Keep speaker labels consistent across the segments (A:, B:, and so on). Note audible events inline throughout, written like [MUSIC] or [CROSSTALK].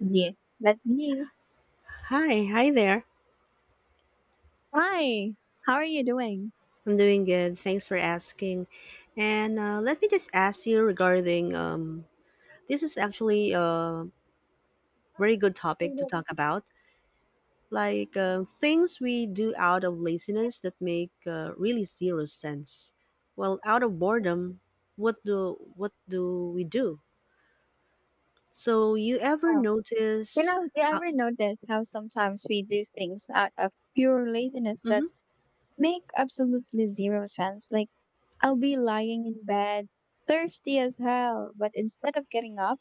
A: Yes, that's me.
B: Hi, hi there.
A: Hi, how are you doing?
B: I'm doing good. Thanks for asking. And let me just ask you regarding this is actually a very good topic to
A: Wow.
B: talk about. Like things we do out of laziness that make really zero sense. Well, out of boredom, what do we do? So you ever
A: You
B: notice?
A: know, you
B: How,
A: ever notice how sometimes we do things out of pure laziness that
B: mhm,
A: make absolutely zero sense? Like, I'll be lying in bed, thirsty as hell, but instead of getting up,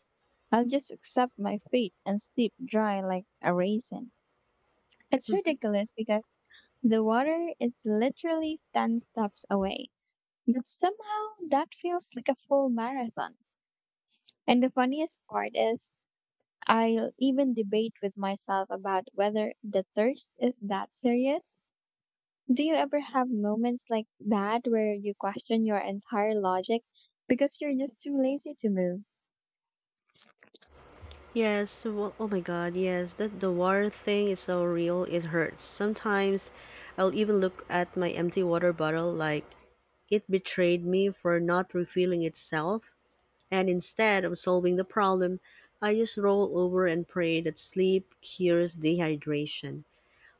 A: I'll just accept my fate and sleep dry like a raisin. It's
B: mhm.
A: ridiculous because the water is literally 10 steps away, but somehow that feels like a full marathon. And the funniest part is, I'll even debate with myself about whether the thirst is that serious. Do you ever have moments like that where you question your entire logic because you're just too lazy to move?
B: Yes, well, oh my god, yes, that the water thing is so real, it hurts. Sometimes I'll even look at my empty water bottle like it betrayed me for not refilling itself, and instead of solving the problem, I just roll over and pray that sleep cures dehydration.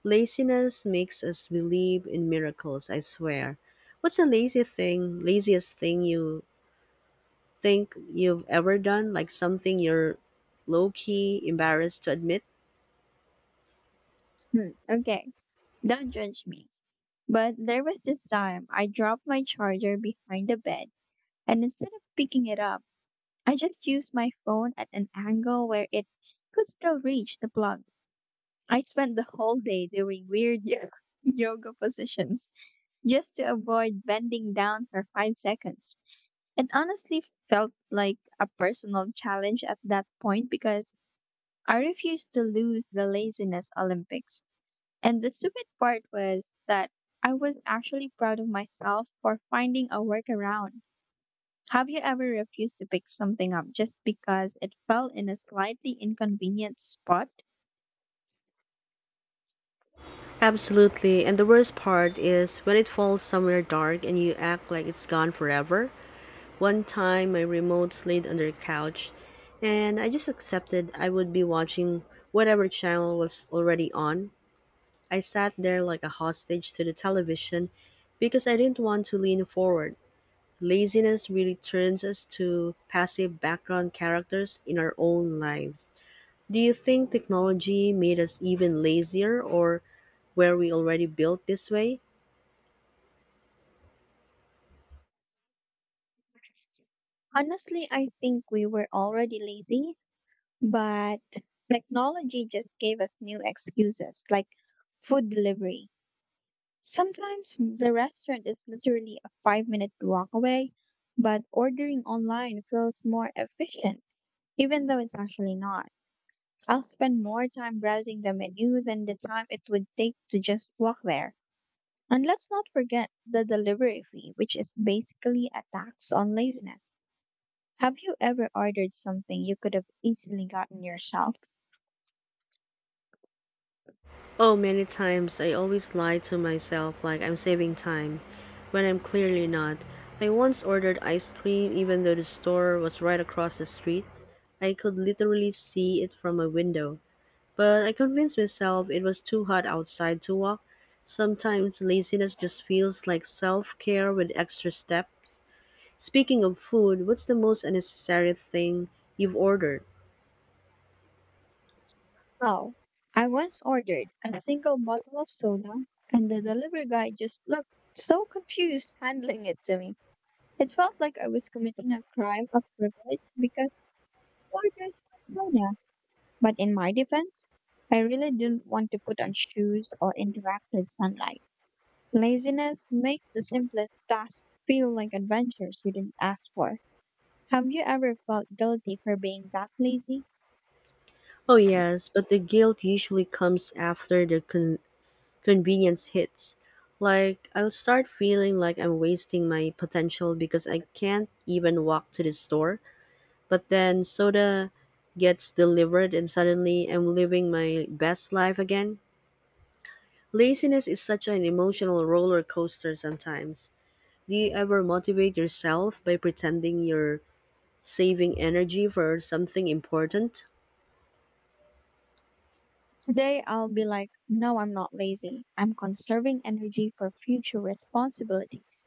B: Laziness makes us believe in miracles, I swear. What's the laziest thing you think you've ever done? Like something you're low key embarrassed to admit?
A: Hmm, okay, don't judge me. But there was this time I dropped my charger behind the bed, and instead of picking it up, I just used my phone at an angle where it could still reach the plug. I spent the whole day doing weird [LAUGHS] yoga positions just to avoid bending down for 5 seconds. It honestly felt like a personal challenge at that point because I refused to lose the laziness Olympics. And the stupid part was that I was actually proud of myself for finding a workaround. Have you ever refused to pick something up just because it fell in a slightly inconvenient spot?
B: Absolutely. And the worst part is when it falls somewhere dark and you act like it's gone forever. One time my remote slid under the couch and I just accepted I would be watching whatever channel was already on. I sat there like a hostage to the television because I didn't want to lean forward. Laziness really turns us to passive background characters in our own lives. Do you think technology made us even lazier, or were we already built this way?
A: Honestly, I think we were already lazy, but technology just gave us new excuses like food delivery. Sometimes the restaurant is literally a 5 minute walk away, but ordering online feels more efficient, even though it's actually not. I'll spend more time browsing the menu than the time it would take to just walk there. And let's not forget the delivery fee, which is basically a tax on laziness. Have you ever ordered something you could have easily gotten yourself?
B: Oh, many times. I always lie to myself like I'm saving time when I'm clearly not. I once ordered ice cream even though the store was right across the street. I could literally see it from my window. But I convinced myself it was too hot outside to walk. Sometimes laziness just feels like self care with extra steps. Speaking of food, what's the most unnecessary thing you've ordered?
A: Wow. I once ordered a single bottle of soda, and the delivery guy just looked so confused handling it to me. It felt like I was committing a crime of privilege because orders for soda. But in my defense, I really didn't want to put on shoes or interact with sunlight. Laziness makes the simplest tasks feel like adventures you didn't ask for. Have you ever felt guilty for being that lazy?
B: Oh, yes, but the guilt usually comes after the convenience hits. Like, I'll start feeling like I'm wasting my potential because I can't even walk to the store. But then soda gets delivered, and suddenly I'm living my best life again. Laziness is such an emotional roller coaster sometimes. Do you ever motivate yourself by pretending you're saving energy for something important?
A: Today I'll be like, no, I'm not lazy. I'm conserving energy for future responsibilities.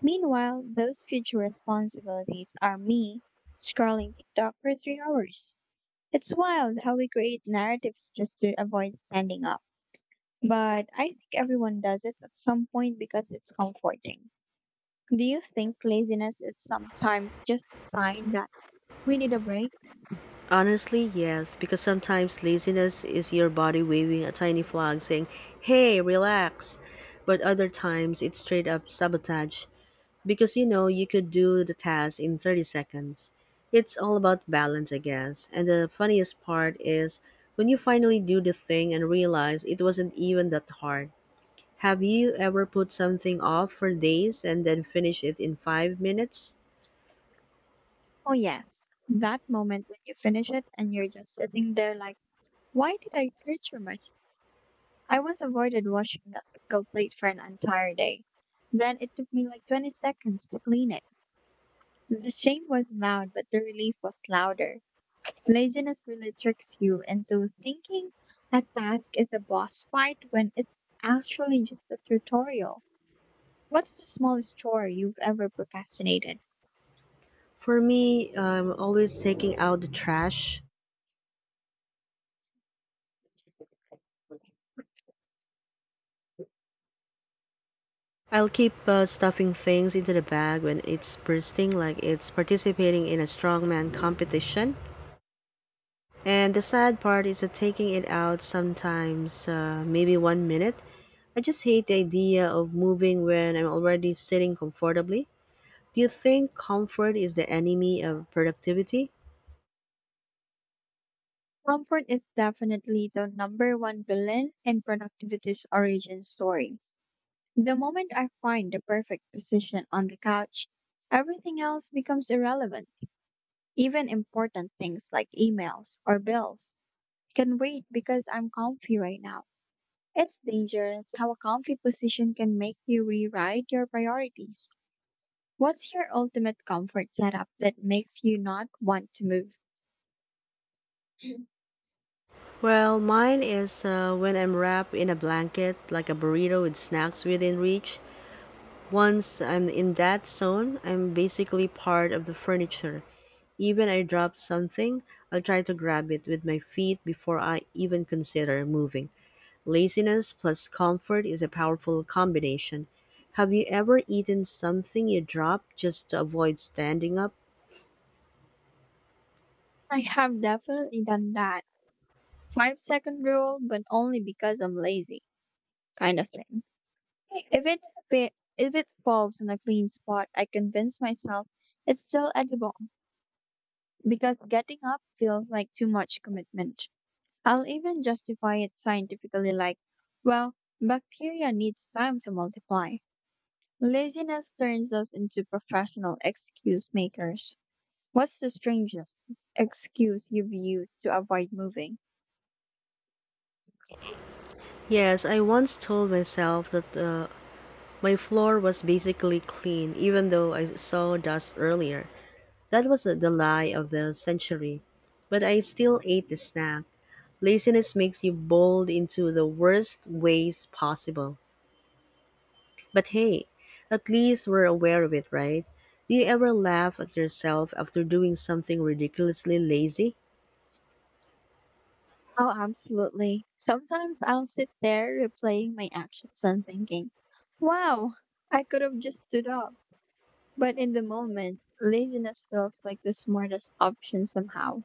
A: Meanwhile, those future responsibilities are me scrolling TikTok for 3 hours. It's wild how we create narratives just to avoid standing up. But I think everyone does it at some point because it's comforting. Do you think laziness is sometimes just a sign that we need a break?
B: Honestly, yes, because sometimes laziness is your body waving a tiny flag saying, hey, relax. But other times it's straight up sabotage because you know you could do the task in 30 seconds. It's all about balance, I guess. And the funniest part is when you finally do the thing and realize it wasn't even that hard. Have you ever put something off for days and then finish it in 5 minutes?
A: Oh, yes. That moment when you finish it and you're just sitting there like, why did I search for myself? I once avoided washing a single plate for an entire day. Then it took me like 20 seconds to clean it. The shame was loud, but the relief was louder. Laziness really tricks you into thinking a task is a boss fight when it's actually just a tutorial. What's the smallest chore you've ever procrastinated?
B: For me, I'm always taking out the trash. I'll keep stuffing things into the bag when it's bursting, like it's participating in a strongman competition. And the sad part is that taking it out sometimes, maybe 1 minute. I just hate the idea of moving when I'm already sitting comfortably. Do you think comfort is the enemy of productivity?
A: Comfort is definitely the number one villain in productivity's origin story. The moment I find the perfect position on the couch, everything else becomes irrelevant. Even important things like emails or bills can wait because I'm comfy right now. It's dangerous how a comfy position can make you rewrite your priorities. What's your ultimate comfort setup that makes you not want to move? [CLEARS THROAT]
B: Well, mine is when I'm wrapped in a blanket, like a burrito with snacks within reach. Once I'm in that zone, I'm basically part of the furniture. Even I drop something, I'll try to grab it with my feet before I even consider moving. Laziness plus comfort is a powerful combination. Have you ever eaten something you dropped just to avoid standing up?
A: I have definitely done that. Five second rule, but only because I'm lazy, kind of thing. If it fa- if it falls in a clean spot, I convince myself it's still edible because getting up feels like too much commitment. I'll even justify it scientifically like, well, bacteria needs time to multiply. Laziness turns us into professional excuse makers. What's the strangest excuse you've used to avoid moving?
B: Yes, I once told myself that my floor was basically clean, even though I saw dust earlier. That was the lie of the century. But I still ate the snack. Laziness makes you bold into the worst ways possible. But hey, at least we're aware of it, right? Do you ever laugh at yourself after doing something ridiculously lazy?
A: Oh, absolutely. Sometimes I'll sit there replaying my actions and thinking, wow, I could have just stood up. But in the moment, laziness feels like the smartest option somehow.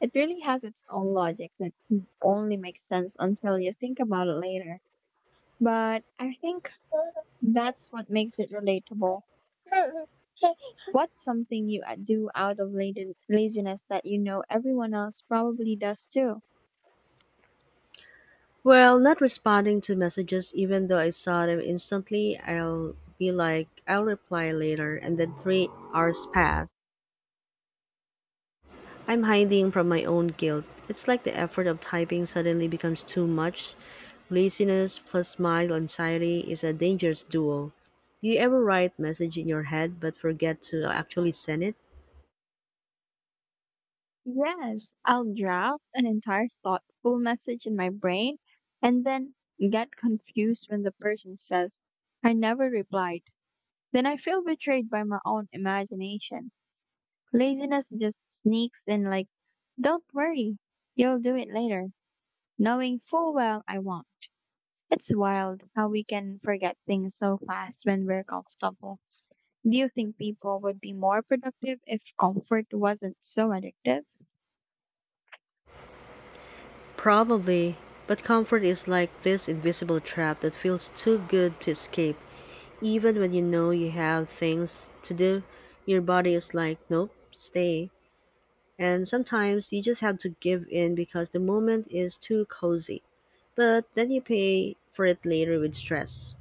A: It really has its own logic that only makes sense until you think about it later. But I think that's what makes it relatable. What's something you do out of laziness that you know everyone else probably does too?
B: Well, not responding to messages even though I saw them instantly. I'll be like, I'll reply later, and then 3 hours pass. I'm hiding from my own guilt. It's like the effort of typing suddenly becomes too much. Laziness plus mild anxiety is a dangerous duo. Do you ever write message in your head but forget to actually send it?
A: Yes, I'll draft an entire thoughtful message in my brain and then get confused when the person says, I never replied. Then I feel betrayed by my own imagination. Laziness just sneaks in like, don't worry, you'll do it later, knowing full well I won't. It's wild how we can forget things so fast when we're comfortable. Do you think people would be more productive if comfort wasn't so addictive?
B: Probably, but comfort is like this invisible trap that feels too good to escape. Even when you know you have things to do, your body is like, nope, stay. And sometimes you just have to give in because the moment is too cozy, but then you pay for it later with stress.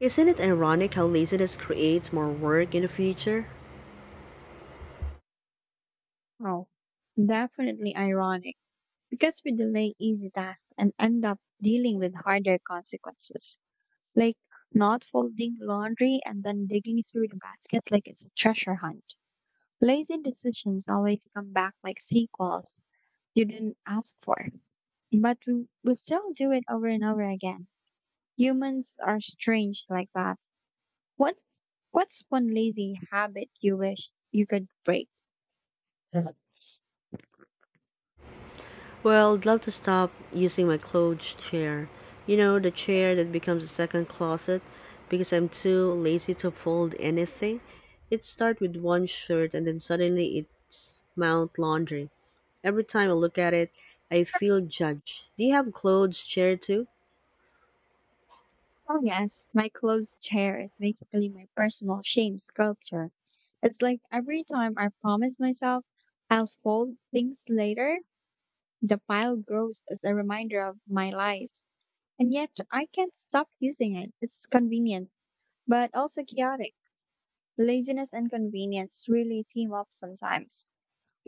B: Isn't it ironic how laziness creates more work in the future?
A: Oh, definitely ironic because we delay easy tasks and end up dealing with harder consequences, like not folding laundry and then digging through the baskets like it's a treasure hunt. Lazy decisions always come back like sequels you didn't ask for, but we still do it over and over again. Humans are strange like that. What, what's one lazy habit you wish you could break?
B: Well, I'd love to stop using my clothes chair. You know, the chair that becomes a second closet because I'm too lazy to fold anything. It starts with one shirt and then suddenly it's mount laundry. Every time I look at it, I feel judged. Do you have clothes chair too?
A: Oh yes, my closed chair is basically my personal shame sculpture. It's like every time I promise myself I'll fold things later, the pile grows as a reminder of my lies. And yet I can't stop using it. It's convenient, but also chaotic. Laziness and convenience really team up sometimes.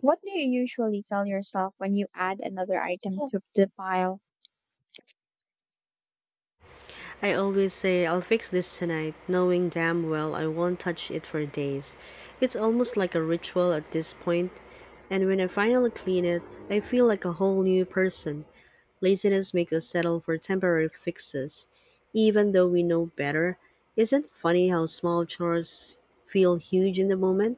A: What do you usually tell yourself when you add another item to the pile?
B: I always say, I'll fix this tonight, knowing damn well I won't touch it for days. It's almost like a ritual at this point, and when I finally clean it, I feel like a whole new person. Laziness makes us settle for temporary fixes, even though we know better. Isn't it funny how small chores feel huge in the moment?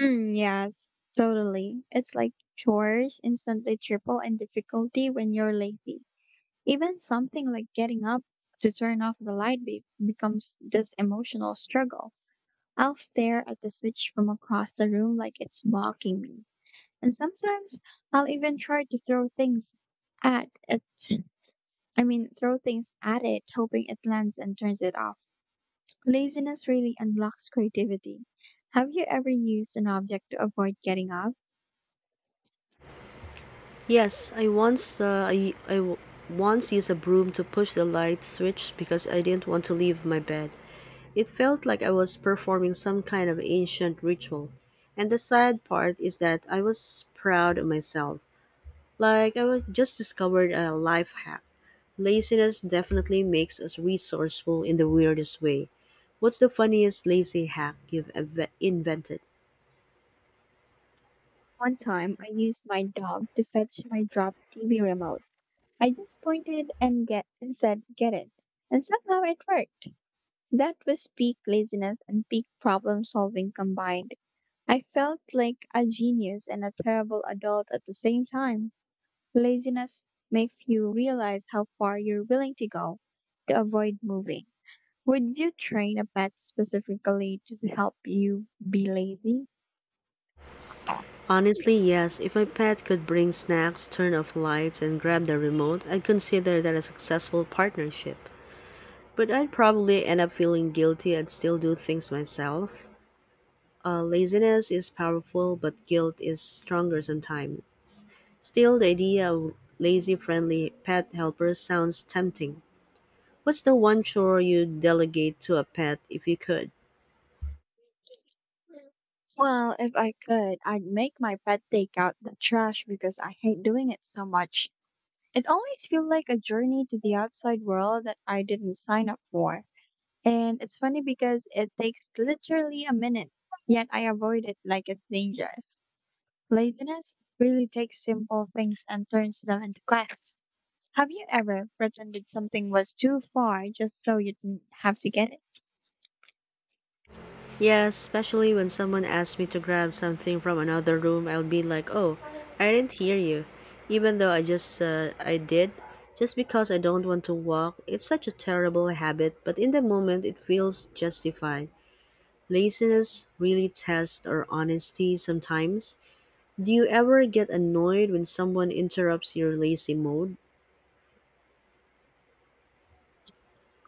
A: Mm, yes, totally. It's like chores instantly triple in difficulty when you're lazy. Even something like getting up to turn off the light becomes this emotional struggle. I'll stare at the switch from across the room like it's mocking me. And sometimes I'll even try to throw things at it. I mean, throw things at it, hoping it lands and turns it off. Laziness really unlocks creativity. Have you ever used an object to avoid getting up?
B: Yes, I once once used a broom to push the light switch because I didn't want to leave my bed. It felt like I was performing some kind of ancient ritual. And the sad part is that I was proud of myself, like I was just discovered a life hack. Laziness definitely makes us resourceful in the weirdest way. What's the funniest lazy hack you've invented?
A: One time, I used my dog to fetch my dropped TV remote. I just pointed and get and said, "Get it," and somehow it worked. That was peak laziness and peak problem solving combined. I felt like a genius and a terrible adult at the same time. Laziness makes you realize how far you're willing to go to avoid moving. Would you train a pet specifically to help you be lazy?
B: Honestly, yes, if my pet could bring snacks, turn off lights, and grab the remote, I'd consider that a successful partnership. But I'd probably end up feeling guilty and still do things myself. Laziness is powerful, but guilt is stronger sometimes. Still, the idea of lazy friendly pet helpers sounds tempting. What's the one chore you'd delegate to a pet if you could?
A: Well, if I could, I'd make my pet take out the trash because I hate doing it so much. It always feels like a journey to the outside world that I didn't sign up for. And it's funny because it takes literally a minute, yet I avoid it like it's dangerous. Laziness really takes simple things and turns them into quests. Have you ever pretended something was too far just so you didn't have to get it?
B: Yeah, especially when someone asks me to grab something from another room, I'll be like, "Oh, I didn't hear you," even though I just I did, just because I don't want to walk. It's such a terrible habit, but in the moment it feels justified. Laziness really tests our honesty sometimes. Do you ever get annoyed when someone interrupts your lazy mode?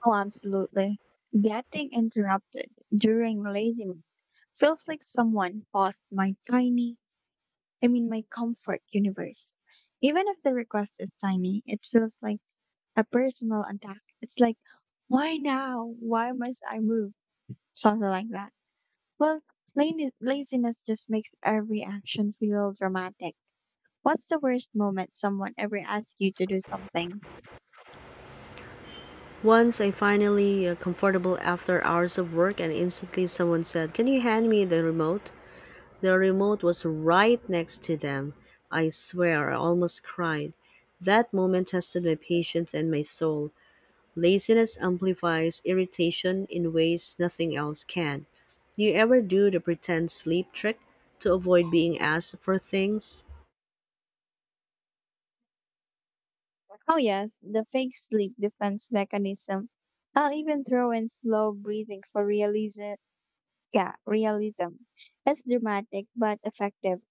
A: Oh, absolutely. Getting interrupted during feels like someone paused my tiny, I mean, my comfort universe. Even if the request is tiny, it feels like a personal attack. It's like, why now? Why must I move? Something like that. Well, laziness just makes every action feel dramatic. What's the worst moment someone ever asked you to do something?
B: Once I finally comfortable after hours of work and instantly someone said, "Can you hand me the remote?" The remote was right next to them. I swear I almost cried. That moment tested my patience and my soul. Laziness amplifies irritation in ways nothing else can. Do you ever do the pretend sleep trick to avoid being asked for things?
A: Oh, yes, the fake sleep defense mechanism. I'll even throw in slow breathing for realism. Yeah, realism. It's dramatic but effective.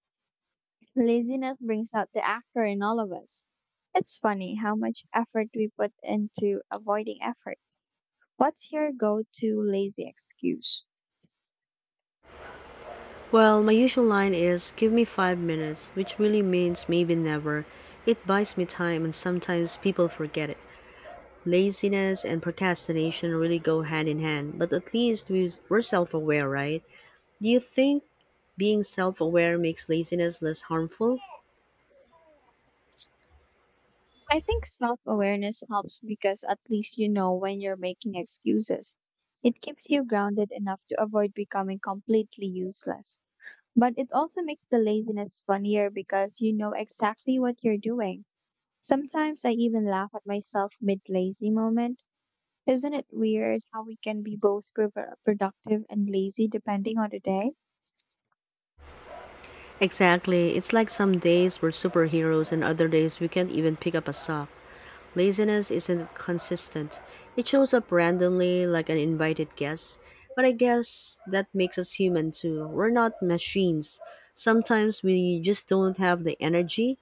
A: Laziness brings out the actor in all of us. It's funny how much effort we put into avoiding effort. What's your go to lazy excuse?
B: Well, my usual line is give me 5 minutes, which really means maybe never. It buys me time and sometimes people forget it. Laziness and procrastination really go hand in hand, but at least we're self aware, right? Do you think being self aware makes laziness less harmful?
A: I think self awareness helps because at least you know when you're making excuses. It keeps you grounded enough to avoid becoming completely useless. But it also makes the laziness funnier because you know exactly what you're doing. Sometimes I even laugh at myself mid lazy moment. Isn't it weird how we can be both productive and lazy depending on the day?
B: Exactly. It's like some days we're superheroes and other days we can't even pick up a sock. Laziness isn't consistent. It shows up randomly like an invited guest. But I guess that makes us human too. We're not machines. Sometimes we just don't have the energy.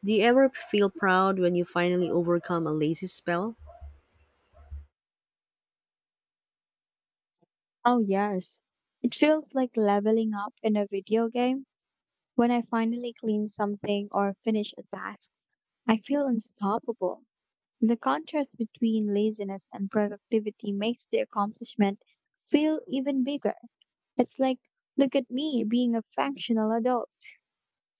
B: Do you ever feel proud when you finally overcome a lazy spell?
A: Oh, yes. It feels like leveling up in a video game when I finally clean something or finish a task. I feel unstoppable. The contrast between laziness and productivity makes the accomplishment feel even bigger. It's like, look at me being a functional adult.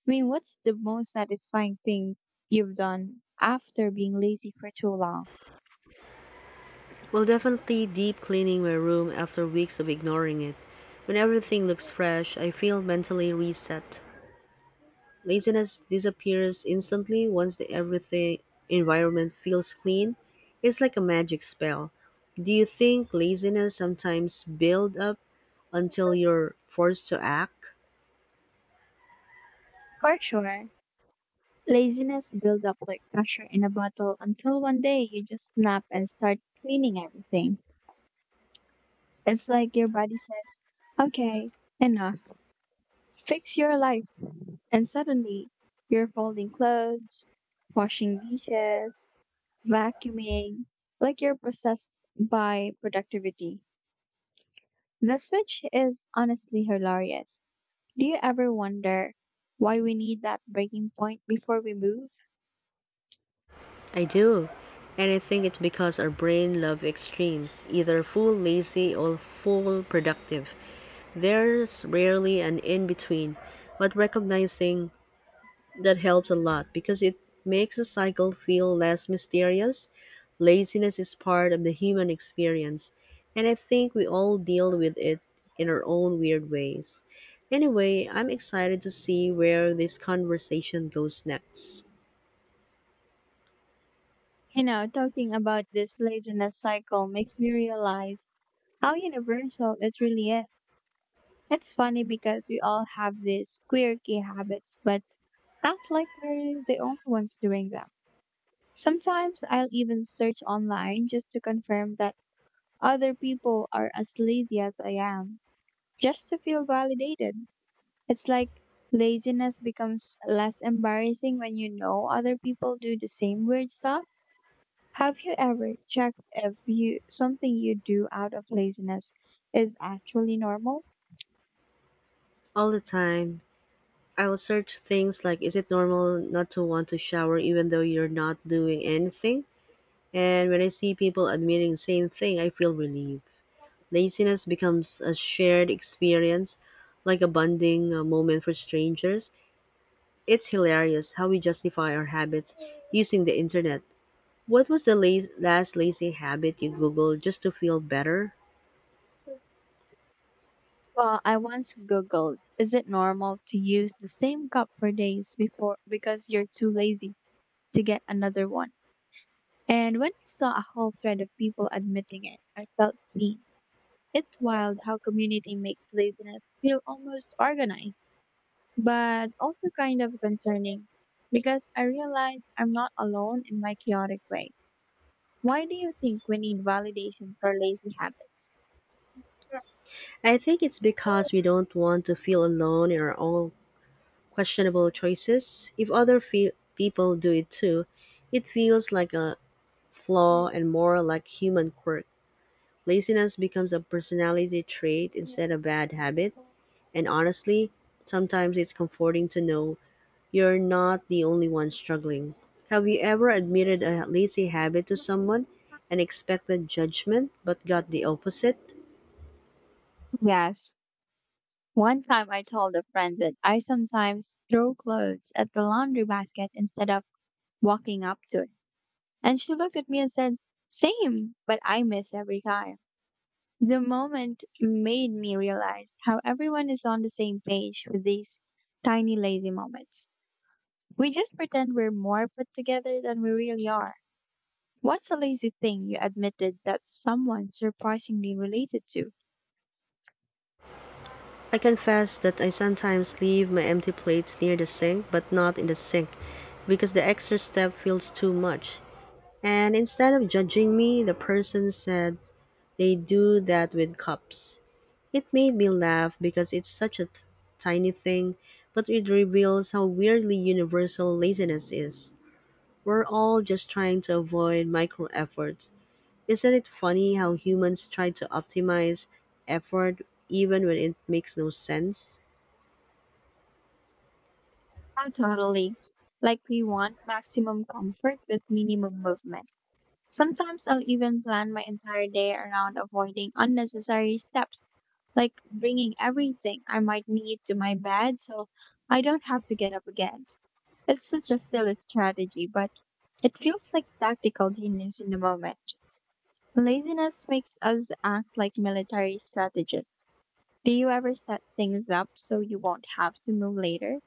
A: I mean, what's the most satisfying thing you've done after being lazy for too long?
B: Well, definitely deep cleaning my room after weeks of ignoring it. When everything looks fresh, I feel mentally reset. Laziness disappears instantly once the everything environment feels clean. It's like a magic spell. Do you think laziness sometimes build up until you're forced to act?
A: For sure. Laziness builds up like pressure in a bottle until one day you just snap and start cleaning everything. It's like your body says, okay, enough, fix your life. And suddenly, you're folding clothes, washing dishes, vacuuming, like you're possessed by productivity. The switch is honestly hilarious. Do you ever wonder why we need that breaking point before we move?
B: I do. And I think it's because our brain loves extremes, either full lazy or full productive. There's rarely an in between, but recognizing that helps a lot because it makes the cycle feel less mysterious. Laziness is part of the human experience, and I think we all deal with it in our own weird ways. Anyway, I'm excited to see where this conversation goes next.
A: You know, talking about this laziness cycle makes me realize how universal it really is. It's funny because we all have these quirky habits, but not like we're the only ones doing them. Sometimes I'll even search online just to confirm that other people are as lazy as I am, just to feel validated. It's like laziness becomes less embarrassing when you know other people do the same weird stuff. Have you ever checked if you something you do out of laziness is actually normal?
B: All the time. I'll search things like is it normal not to want to shower even though you're not doing anything? And when I see people admitting the same thing, I feel relieved. Laziness becomes a shared experience, like a bonding moment for strangers. It's hilarious how we justify our habits using the internet. What was the last lazy habit you Googled just to feel better?
A: Well, I once googled, is it normal to use the same cup for days before because you're too lazy to get another one? And when I saw a whole thread of people admitting it, I felt seen. It's wild how community makes laziness feel almost organized, but also kind of concerning because I realize I'm not alone in my chaotic ways. Why do you think we need validation for lazy habits?
B: I think it's because we don't want to feel alone in our own questionable choices. If other people do it too, it feels like a flaw and more like human quirk. Laziness becomes a personality trait instead of bad habit, and honestly, sometimes it's comforting to know you're not the only one struggling. Have you ever admitted a lazy habit to someone and expected judgment but got the opposite?
A: Yes. One time I told a friend that I sometimes throw clothes at the laundry basket instead of walking up to it. And she looked at me and said, same, but I missed every time. The moment made me realize how everyone is on the same page with these tiny lazy moments. We just pretend we're more put together than we really are. What's a lazy thing you admitted that someone surprisingly related to?
B: I confess that I sometimes leave my empty plates near the sink but not in the sink because the extra step feels too much. And instead of judging me, the person said they do that with cups. It made me laugh because it's such a tiny thing, but it reveals how weirdly universal laziness is. We're all just trying to avoid micro efforts. Isn't it funny how humans try to optimize effort even when it makes no sense?
A: I'm totally. Like we want maximum comfort with minimum movement. Sometimes I'll even plan my entire day around avoiding unnecessary steps, like bringing everything I might need to my bed so I don't have to get up again. It's such a silly strategy, but it feels like tactical genius in the moment. Laziness makes us act like military strategists. Do you ever set things up so you won't have to move later?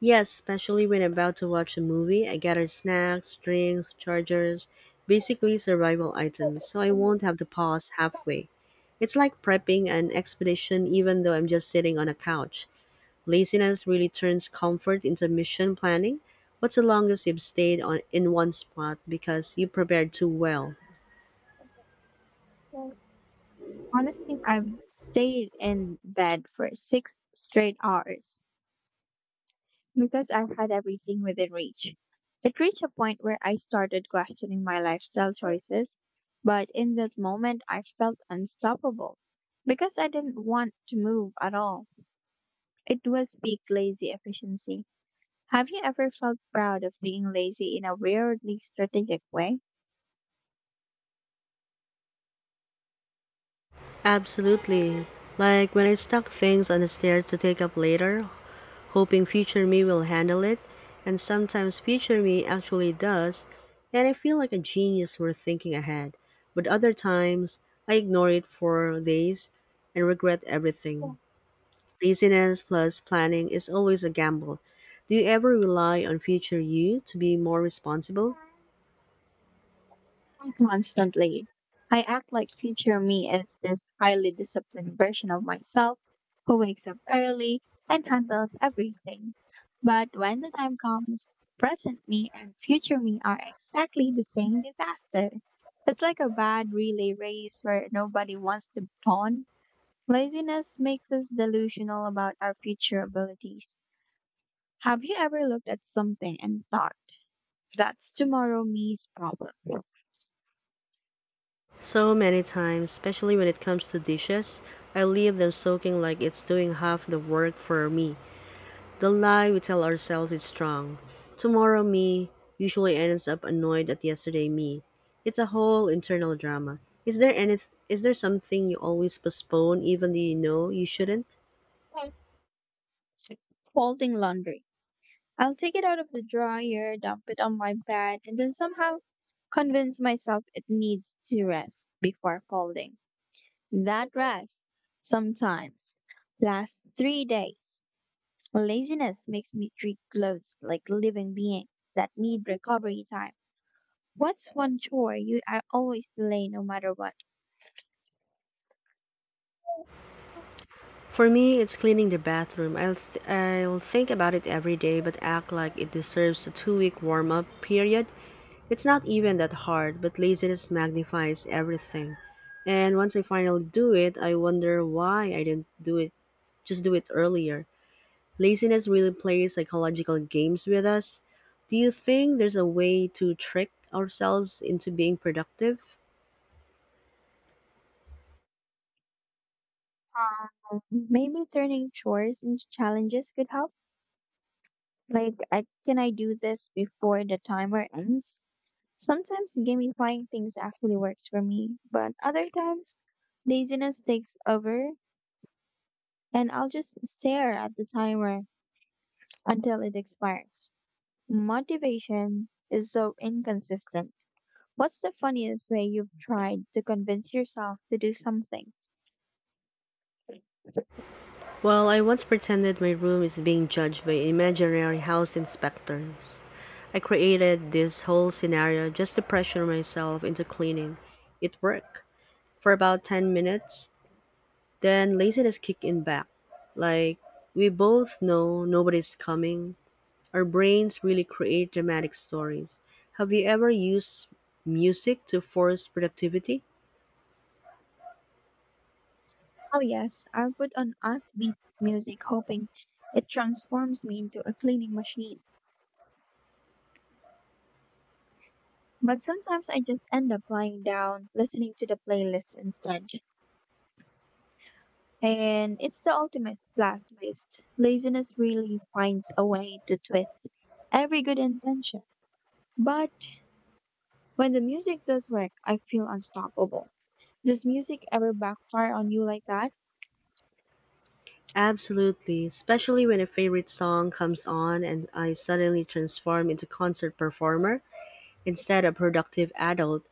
B: Yes, especially when I'm about to watch a movie, I gather snacks, drinks, chargers, basically survival items, so I won't have to pause halfway. It's like prepping an expedition even though I'm just sitting on a couch. Laziness really turns comfort into mission planning. What's the longest you've stayed on in one spot because you prepared too well?
A: Honestly, I've stayed in bed for six straight hours because I had everything within reach. It reached a point where I started questioning my lifestyle choices, but in that moment I felt unstoppable because I didn't want to move at all. It was peak lazy efficiency. Have you ever felt proud of being lazy in a weirdly strategic way?
B: Absolutely. Like when I stuck things on the stairs to take up later, hoping future me will handle it, and sometimes future me actually does, and I feel like a genius for thinking ahead. But other times, I ignore it for days and regret everything. Laziness plus planning is always a gamble. Do you ever rely on future you to be more responsible?
A: Constantly. I act like future me is this highly disciplined version of myself who wakes up early and handles everything. But when the time comes, present me and future me are exactly the same disaster. It's like a bad relay race where nobody wants to pawn. Laziness makes us delusional about our future abilities. Have you ever looked at something and thought, that's tomorrow me's problem?
B: So many times, especially when it comes to dishes, I leave them soaking like it's doing half the work for me. The lie we tell ourselves is strong. Tomorrow me usually ends up annoyed at yesterday me. It's a whole internal drama. Is there any is there something you always postpone even though you know you shouldn't?
A: Like folding laundry. I'll take it out of the dryer, dump it on my bed, and then somehow convince myself it needs to rest before folding. That rest, sometimes, lasts 3 days. Laziness makes me treat clothes like living beings that need recovery time. What's one chore you are always delay no matter what?
B: For me, it's cleaning the bathroom. I'll think about it every day but act like it deserves a 2-week warm-up period. It's not even that hard, but laziness magnifies everything. And once I finally do it, I wonder why I didn't do it just do it earlier. Laziness really plays psychological games with us. Do you think there's a way to trick ourselves into being productive?
A: Maybe turning chores into challenges could help. Like, can I do this before the timer ends? Sometimes gamifying things actually works for me, but other times laziness takes over and I'll just stare at the timer until it expires. Motivation is so inconsistent. What's the funniest way you've tried to convince yourself to do something?
B: Well, I once pretended my room is being judged by imaginary house inspectors. I created this whole scenario just to pressure myself into cleaning. It worked for about 10 minutes, then laziness kicked in back. Like, we both know nobody's coming. Our brains really create dramatic stories. Have you ever used music to force productivity?
A: Oh, yes, I'll put on upbeat music hoping it transforms me into a cleaning machine. But sometimes I just end up lying down, listening to the playlist instead. And it's the ultimate plot twist. Laziness really finds a way to twist every good intention. But when the music does work, I feel unstoppable. Does music ever backfire on you like that?
B: Absolutely, especially when a favorite song comes on and I suddenly transform into concert performer instead of productive adult.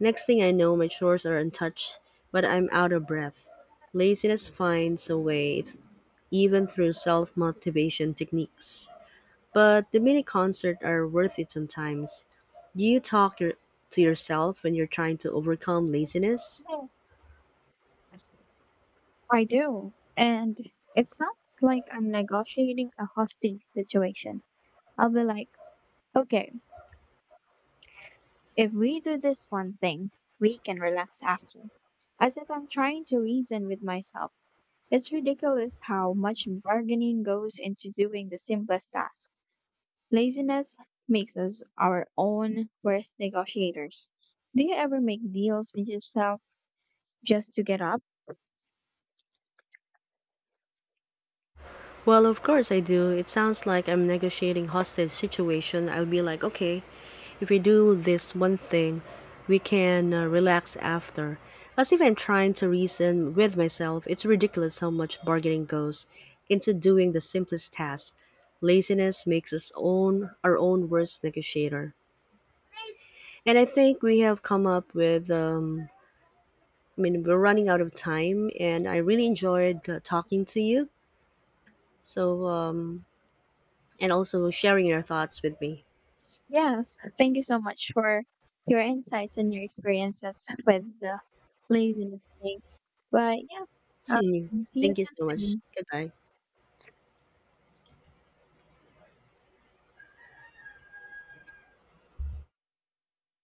B: Next thing I know, my chores are untouched, but I'm out of breath. Laziness finds a way, it's even through self motivation techniques. But the mini concert are worth it sometimes. Do you to yourself when you're trying to overcome laziness?
A: I do. And it sounds like I'm negotiating a hostage situation. I'll be like, okay, if we do this one thing, we can relax after. As if I'm trying to reason with myself. It's ridiculous how much bargaining goes into doing the simplest task. Laziness makes us our own worst negotiators. Do you ever make deals with yourself just to get up?
B: Well, of course I do. It sounds like I'm negotiating hostage situation. I'll be like, okay, if we do this one thing, we can relax after. As if I'm trying to reason with myself, it's ridiculous how much bargaining goes into doing the simplest task. Laziness makes us own our own worst negotiator. And I think we have come up with I mean, we're running out of time, and I really enjoyed talking to you. So, um, and also sharing your thoughts with me.
A: Yes. Thank you so much for your insights and your experiences with the laziness thing. But yeah,
B: [LAUGHS]
A: see you
B: Thank you
A: again
B: so much.
A: soon.
B: Goodbye.